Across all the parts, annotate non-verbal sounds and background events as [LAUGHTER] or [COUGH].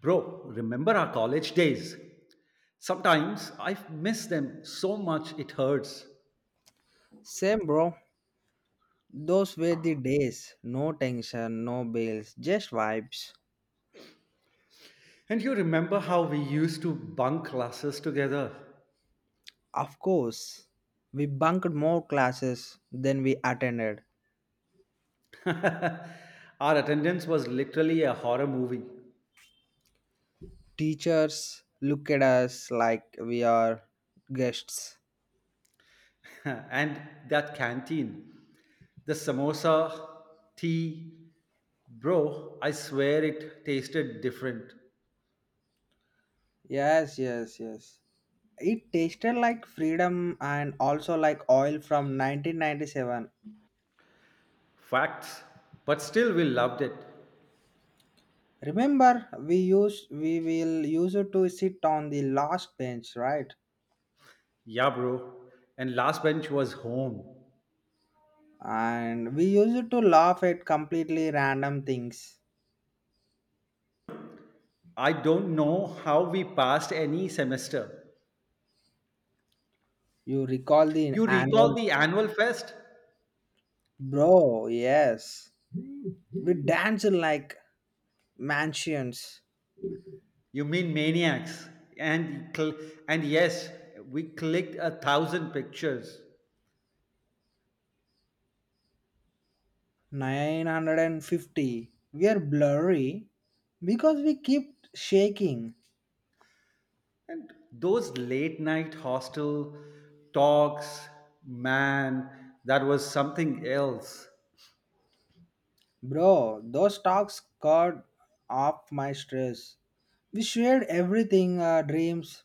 Bro, remember our college days? Sometimes I miss them so much it hurts. Same, bro. Those were the days. No tension, no bills, just vibes. And you remember how we used to bunk classes together? Of course, we bunked more classes than we attended. [LAUGHS] Our attendance was literally a horror movie. Teachers look at us like we are guests. [LAUGHS] And that canteen, the samosa, tea, bro, I swear it tasted different. Yes, yes, yes. It tasted like freedom and also like oil from 1997. Facts. But still, we loved it. Remember, we will use it to sit on the last bench, right? Yeah, bro. And last bench was home. And we used to laugh at completely random things. I don't know how we passed any semester. You recall the You recall annual, the annual fest? bro? Yes, we danced like mansions. You mean maniacs? And cl- and yes, we clicked a thousand pictures. 950. We are blurry because we keep shaking, And those late night hostel talks, man, that was something else. bro. Those talks cut off my stress. We shared everything: our dreams,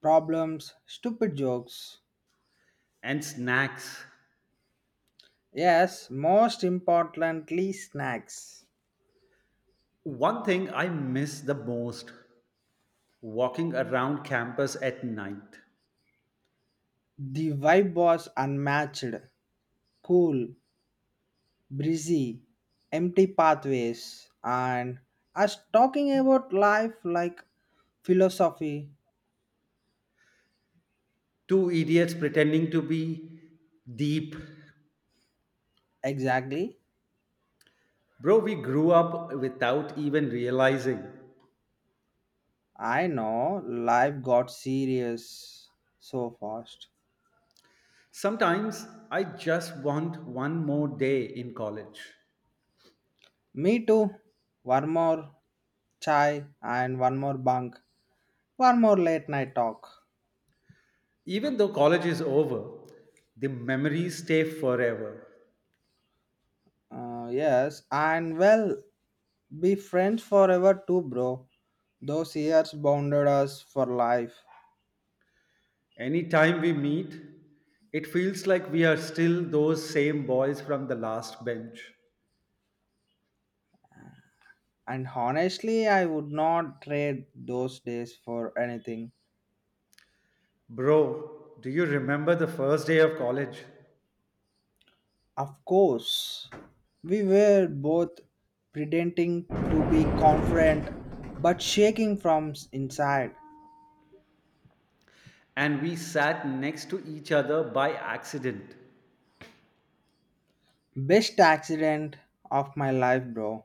problems, stupid jokes. And snacks. Yes, most importantly, snacks. One thing I miss the most walking around campus at night. The vibe was unmatched: cool, breezy, empty pathways, and us talking about life like philosophy. Two idiots pretending to be deep. Exactly. Bro, we grew up without even realizing. I know life got serious so fast. Sometimes I just want one more day in college. Me too. One more chai and one more bunk. One more late night talk. Even though college is over, the memories stay forever. Yes, and well, be friends forever too, bro. Those years bonded us for life. Anytime we meet, it feels like we are still those same boys from the last bench. And honestly, I would not trade those days for anything. Bro, do you remember the first day of college? Of course, we were both pretending to be confident but shaking from inside. And we sat next to each other by accident. Best accident of my life, bro.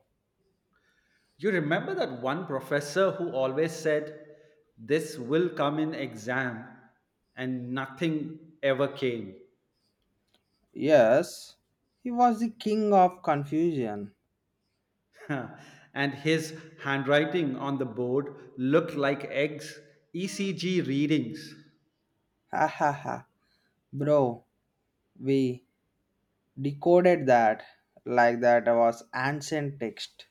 You remember that one professor who always said, "This will come in exam," and nothing ever came. Yes, he was the king of confusion. [LAUGHS] And his handwriting on the board looked like eggs, ECG readings. Ha ha ha. Bro, we decoded that like that was ancient text.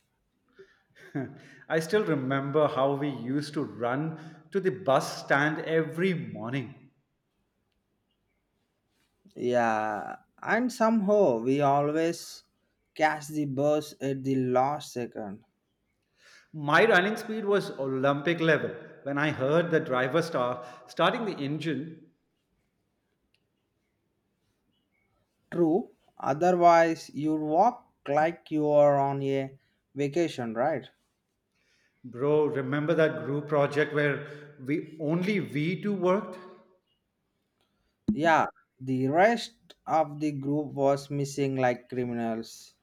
[LAUGHS] I still remember how we used to run to the bus stand every morning. Yeah, and somehow we always catch the bus at the last second. My running speed was Olympic level. When I heard the driver starting the engine. True, otherwise you walk like you are on a vacation, right? Bro, remember that group project where we only we two worked? Yeah, the rest of the group was missing like criminals.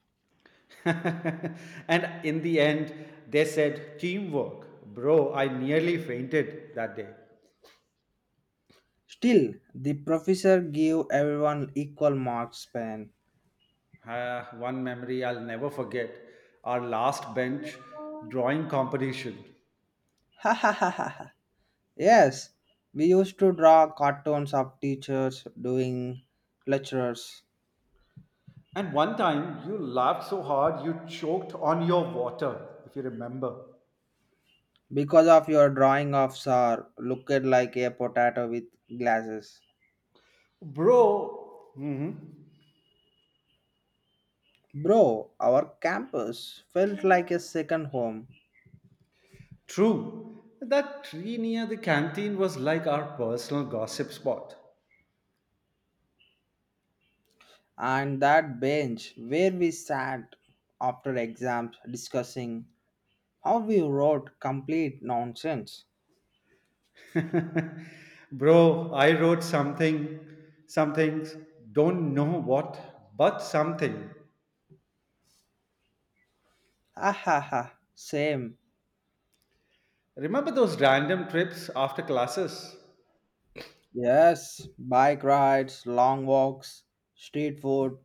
[LAUGHS] And in the end, they said teamwork. Bro, I nearly fainted that day. Still the professor gave everyone equal marks pen. One memory I'll never forget, our last bench drawing competition. [LAUGHS] Ha ha ha ha. Yes, we used to draw cartoons of teachers doing lectures. And one time you laughed so hard you choked on your water, if you remember. Because of your drawing of sir, looked like a potato with glasses. Bro, mhm, Bro, our campus felt like a second home, true. That tree near the canteen was like our personal gossip spot. and that bench where we sat after exams discussing how we wrote complete nonsense. [LAUGHS] Bro, I wrote something, some things, don't know what, but something. Ah ha ha, same. Remember those random trips after classes? Yes, bike rides, long walks, street food.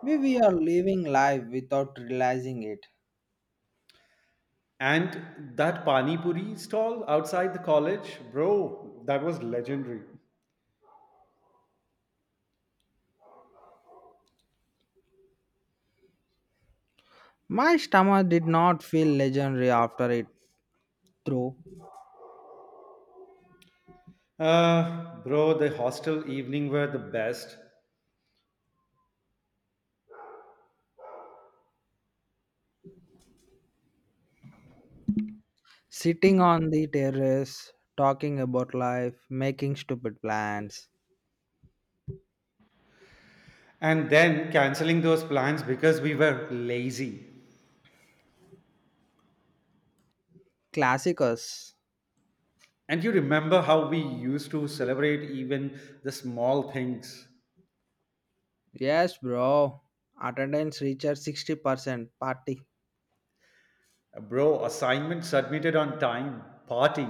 We are living life without realizing it. And that Pani Puri stall outside the college? Bro, that was legendary. My stomach did not feel legendary after it through. Bro, the hostel evening were the best. Sitting on the terrace, talking about life, making stupid plans. And then canceling those plans because we were lazy. Classicus. And you remember how we used to celebrate even the small things. Yes, bro. Attendance reaches 60% party. Bro, assignment submitted on time. Party.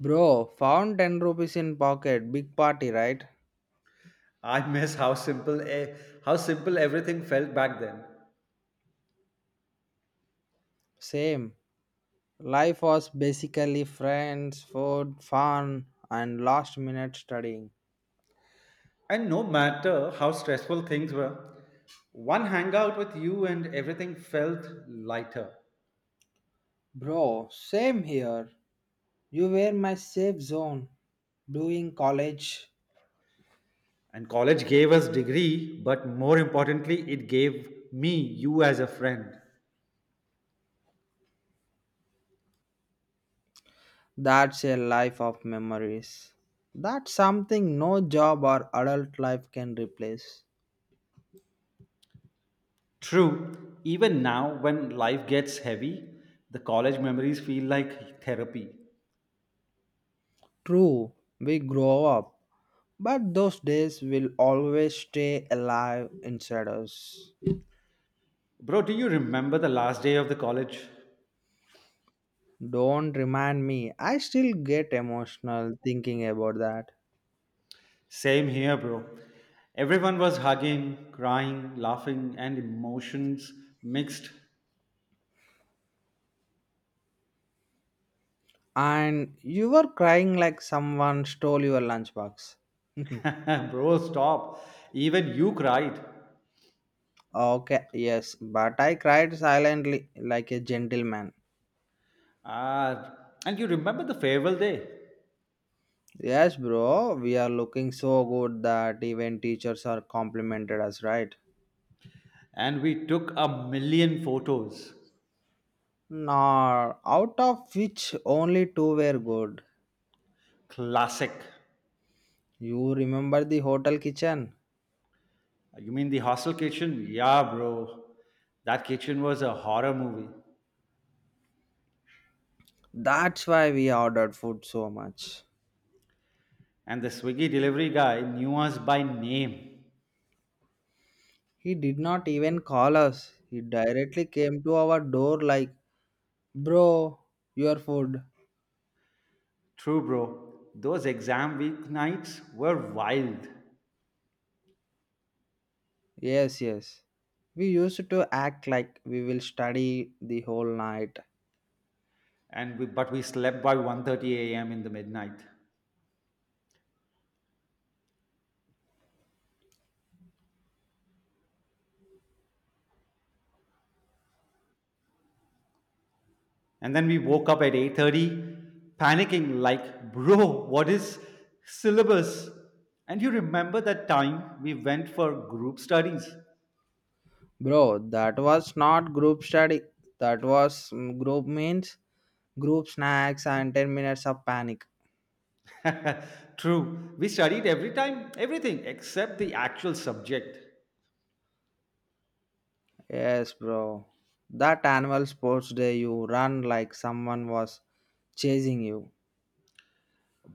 Bro, found 10 rupees in pocket. Big party, right? I miss how how simple everything felt back then. Same. Life was basically friends, food, fun, and last minute studying. And no matter how stressful things were, one hangout with you and everything felt lighter. Bro, same here. You were my safe zone doing college. And college gave us degree, but more importantly, it gave me you as a friend. That's a life of memories. That's something no job or adult life can replace. True, even now when life gets heavy, the college memories feel like therapy. True, we grow up, but those days will always stay alive inside us. Bro, do you remember the last day of the college? Don't remind me, I still get emotional thinking about that. Same here, bro. Everyone was hugging, crying, laughing, and emotions mixed. And you were crying like someone stole your lunchbox. [LAUGHS] [LAUGHS] Bro, stop. Even you cried. Okay, yes, but I cried silently like a gentleman. Ah, and you remember the farewell day? Yes, bro, we are looking so good that even teachers are complimented us, right? And we took a million photos. Now, out of which only two were good. Classic. You remember the hotel kitchen? You mean the hostel kitchen? Yeah, bro. That kitchen was a horror movie. That's why we ordered food so much. And the Swiggy delivery guy knew us by name. He did not even call us. He directly came to our door like, "Bro, your food." True, bro. Those exam week nights were wild. Yes, yes. We used to act like we will study the whole night. And but we slept by 1:30 a.m. in the midnight. And then we woke up at 8:30 panicking like, "Bro, what is syllabus?" And you remember that time we went for group studies? Bro, that was not group study. That was group means group snacks and 10 minutes of panic. [LAUGHS] True. We studied every time everything except the actual subject, Yes, bro. That annual sports day, you run like someone was chasing you.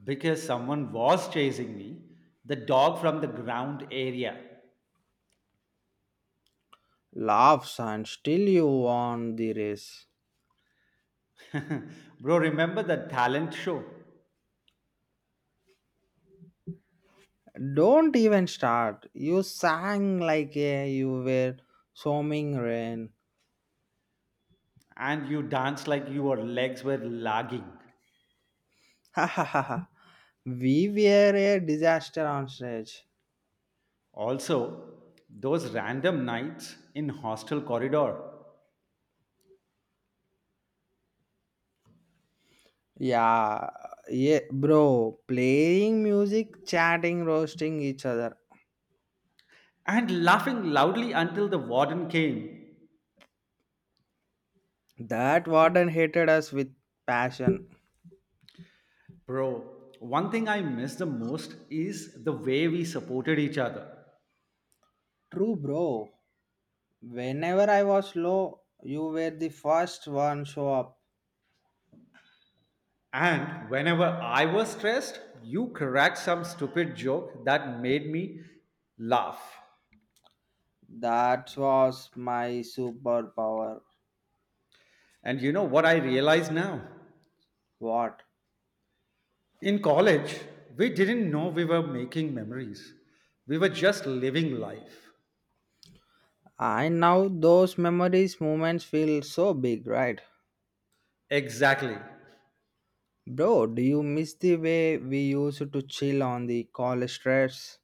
because someone was chasing me, the dog from the ground area. Laughs and still you won the race. [LAUGHS] Bro, remember the talent show? Don't even start. You sang like you were swimming rain. And you danced like your legs were lagging. Ha ha ha ha. We were a disaster on stage. Also, those random nights in hostel corridor Yeah, yeah, bro. Playing music, chatting, roasting each other. and laughing loudly until the warden came. That warden hated us with passion. Bro, one thing I miss the most is the way we supported each other. True, bro. Whenever I was low, you were the first one show up. And whenever I was stressed, you cracked some stupid joke that made me laugh. That was my superpower. And you know what I realize now? What? In college, we didn't know we were making memories. We were just living life. And now those memories, moments feel so big, right? Exactly. Bro, do you miss the way we used to chill on the college stress?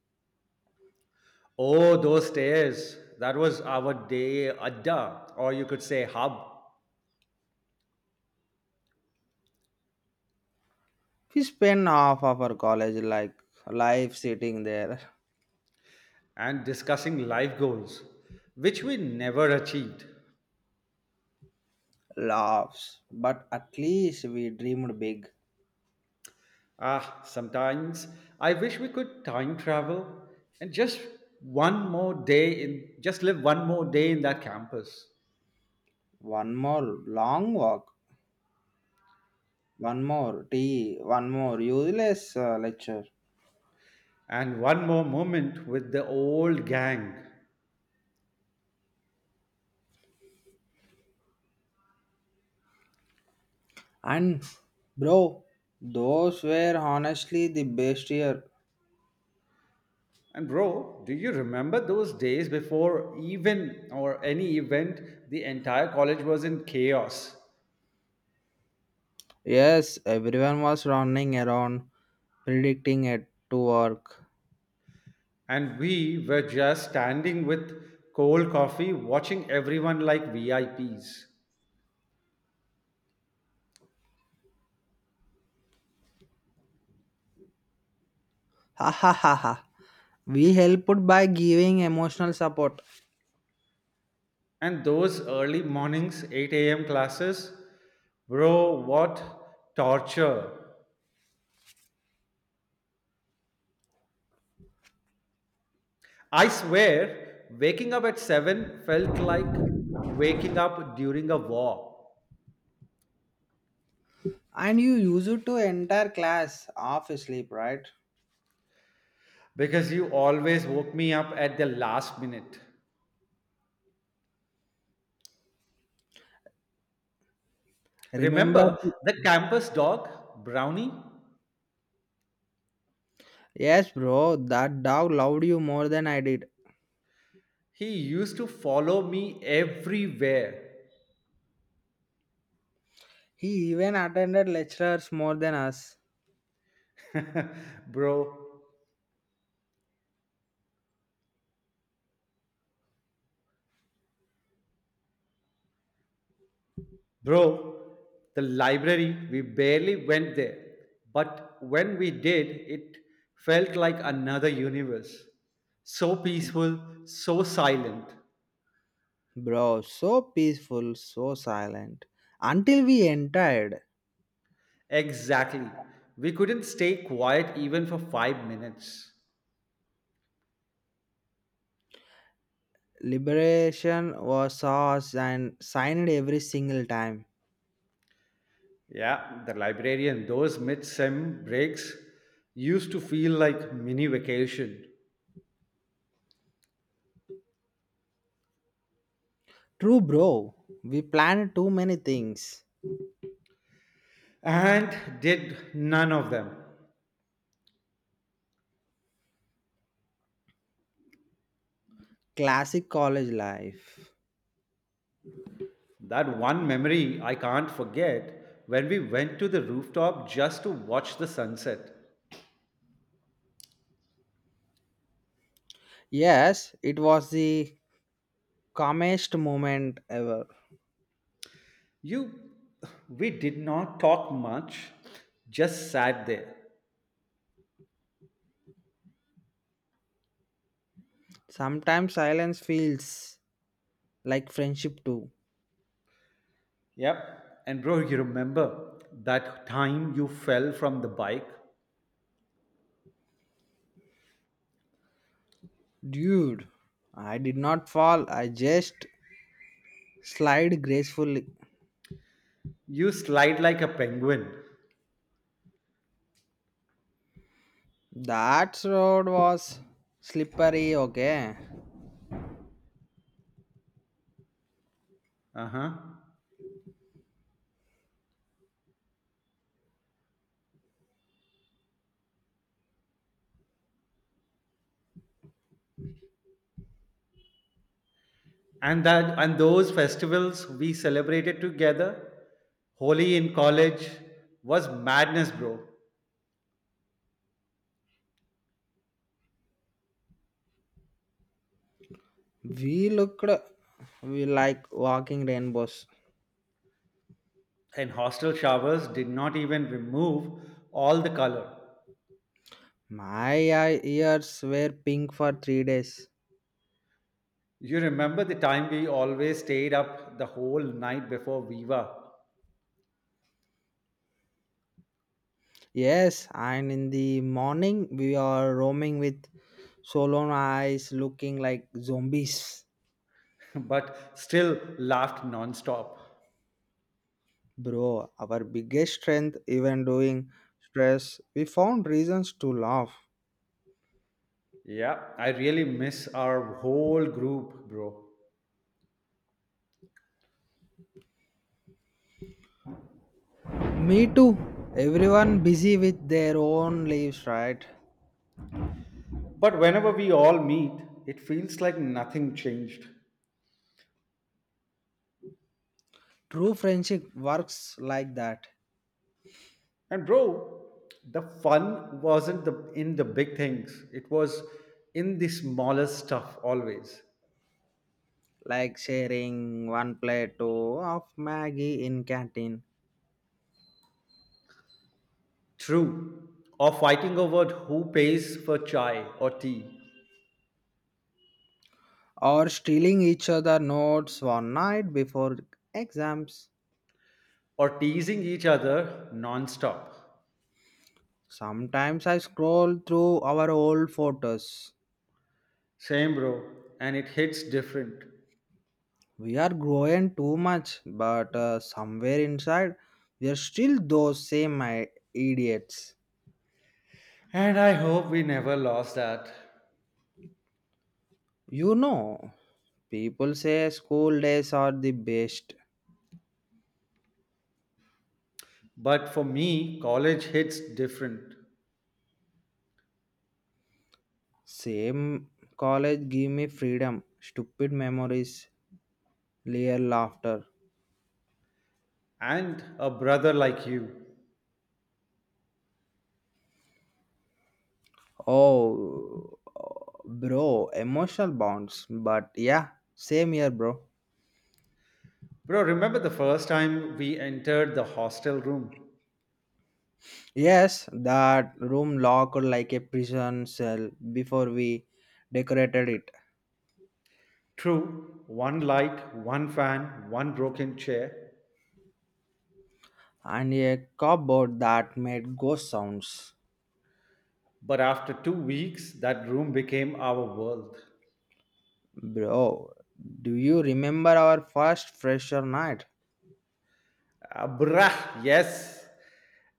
Oh, those stairs. That was our day adda, or you could say hub, We spend half of our college like life sitting there. and discussing life goals, which we never achieved. [LAUGHS] Laughs. But at least we dreamed big. Ah, sometimes I wish we could time travel and just one more just live one more day in that campus, One more long walk, one more tea, one more useless lecture. and one more moment with the old gang. And bro, those were honestly the best year. And bro, do you remember those days before even or any event, the entire college was in chaos? Yes, everyone was running around predicting it to work. And we were just standing with cold coffee, watching everyone like VIPs. Ha ha ha ha. We helped by giving emotional support. And those early mornings, 8 a.m. classes, bro, what torture. I swear, waking up at 7 felt like waking up during a war, And you use it to entire class half asleep, right? because you always woke me up at the last minute. Remember? Remember the campus dog, Brownie? Yes, bro. That dog loved you more than I did. He used to follow me everywhere. He even attended lectures more than us. [LAUGHS] bro, Bro, the library, we barely went there. But when we did, it felt like another universe. So peaceful, so silent. Bro, so peaceful, so silent. Until we entered, Exactly. We couldn't stay quiet even for 5 minutes. liberation was ours and signed every single time. Yeah, the librarian, those mid sem breaks used to feel like mini vacation, True, bro. We planned too many things. and did none of them. Classic college life. That one memory I can't forget when we went to the rooftop just to watch the sunset. Yes, it was the calmest moment ever. You, we did not talk much, just sat there. Sometimes silence feels like friendship too. Yep. And bro, you remember that time you fell from the bike? Dude, I did not fall, I just slide gracefully. You slide like a penguin. That road was slippery, okay? Uh huh. And those festivals we celebrated together, Holi in college was madness, bro. We looked we like walking rainbows. And hostel showers did not even remove all the color. My ears were pink for 3 days. You remember the time we always stayed up the whole night before Viva. Yes, and in the morning we are roaming with swollen eyes looking like zombies. [LAUGHS] But still laughed non-stop. Bro, our biggest strength, even during stress, we found reasons to laugh. Yeah, I really miss our whole group, bro. Me too. Everyone busy with their own lives, right? But whenever we all meet, it feels like nothing changed. True friendship works like that, And bro, the fun wasn't in the big things. It was in the smallest stuff always. like sharing one plate of Maggie in canteen True. Or fighting over who pays for chai or tea, or stealing each other notes one night before exams. or teasing each other non-stop. Sometimes I scroll through our old photos. Same, bro, and it hits different. We are growing too much, but somewhere inside, we are still those same idiots. And I hope we never lost that. You know, people say school days are the best. But for me, college hits different. Same college give me freedom, stupid memories, layer laughter. And a brother like you. Oh, bro, emotional bonds. But yeah, same here, bro. Bro, remember the first time we entered the hostel room? Yes, that room looked like a prison cell before we decorated it, True, one light, one fan, one broken chair. and a cupboard that made ghost sounds. But after 2 weeks, that room became our world. Bro, do you remember our first fresher night? Ah, Brah, yes.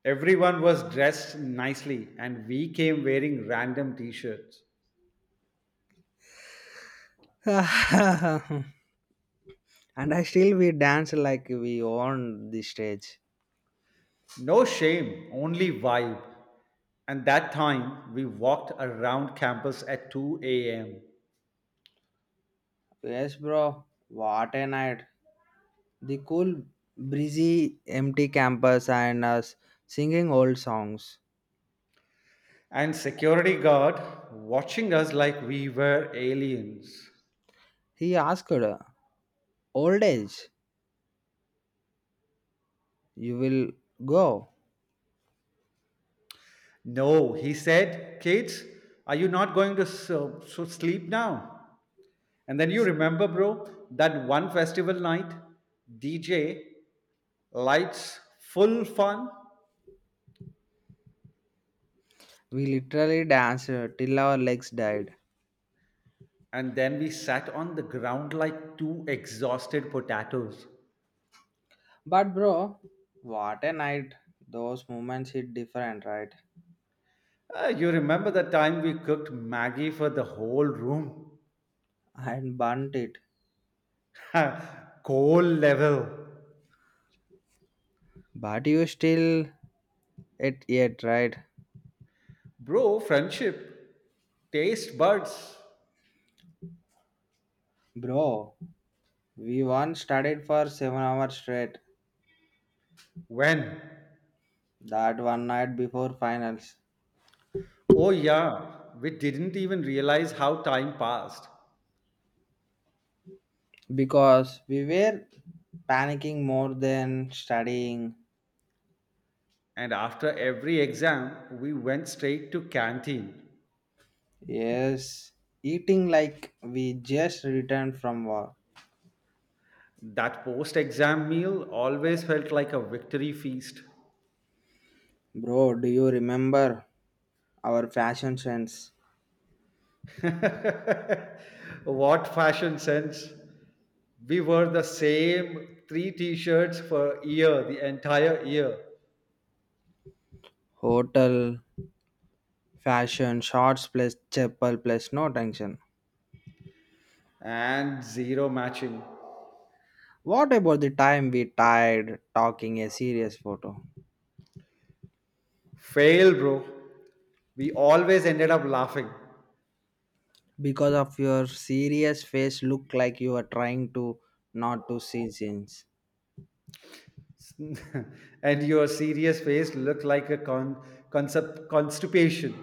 Everyone was dressed nicely, and we came wearing random t shirts. [LAUGHS] And I still we dance like we own the stage. No shame, only vibe. And that time, we walked around campus at 2 a.m. Yes, bro, what a night! The cool, breezy, empty campus and us singing old songs. And security guard watching us like we were aliens. He asked, "Old age. You will go." No, he said, "Kids, are you not going to so sleep now?" And then you remember, bro, that one festival night, DJ, lights, full fun. We literally danced till our legs died. And then we sat on the ground like two exhausted potatoes. But bro, what a night. Those moments hit different, right? Ah, you remember the time we cooked Maggie for the whole room? And burnt it. [LAUGHS] Coal level. But you still it yet, right? Bro, friendship, taste buds. Bro, we once studied for 7 hours straight. When? That one night before finals. Oh, yeah, we didn't even realize how time passed. Because we were panicking more than studying. And after every exam, we went straight to canteen. Yes. Eating like we just returned from war. That post exam meal always felt like a victory feast. Bro, do you remember our fashion sense? [LAUGHS] What fashion sense! We wore the same three t shirts for a year, the entire year, Hotel, fashion, shorts plus chapel plus no tension. and zero matching. What about the time we tired talking a serious photo? Fail, bro. We always ended up laughing. Because of your serious face look like you are trying to not to see scenes. [LAUGHS] And your serious face looked like a concept constipation.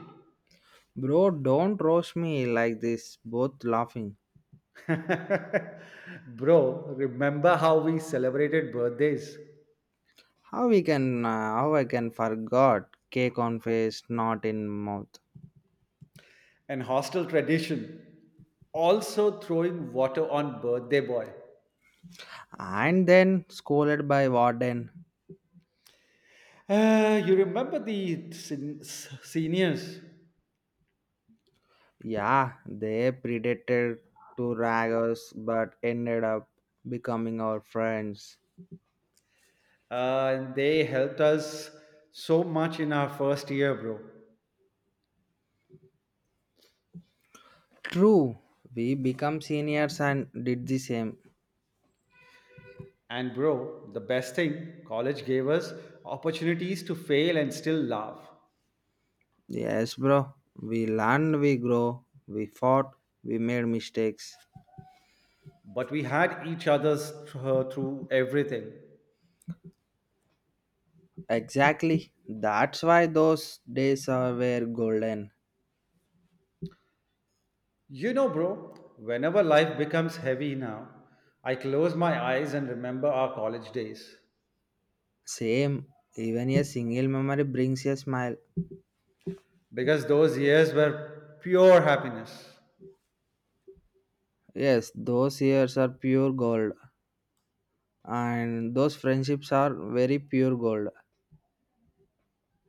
Bro, don't roast me like this, both laughing. [LAUGHS] Bro, remember how we celebrated birthdays? How we can, how I can forgot cake on face, not in mouth. And hostel tradition, also throwing water on birthday boy. And then scolded by warden. You remember the seniors? Yeah, they predated to rag us but ended up becoming our friends. They helped us so much in our first year, bro. True, we become seniors and did the same. And bro, the best thing college gave us, opportunities to fail and still laugh, Yes, bro. We learned, we grow, we fought, we made mistakes. but we had each other's through everything. Exactly. That's why those days are were golden. You know bro, whenever life becomes heavy now, I close my eyes and remember our college days, Same. Even a single memory brings a smile. because those years were pure happiness. Yes, those years are pure gold, and those friendships are very pure gold.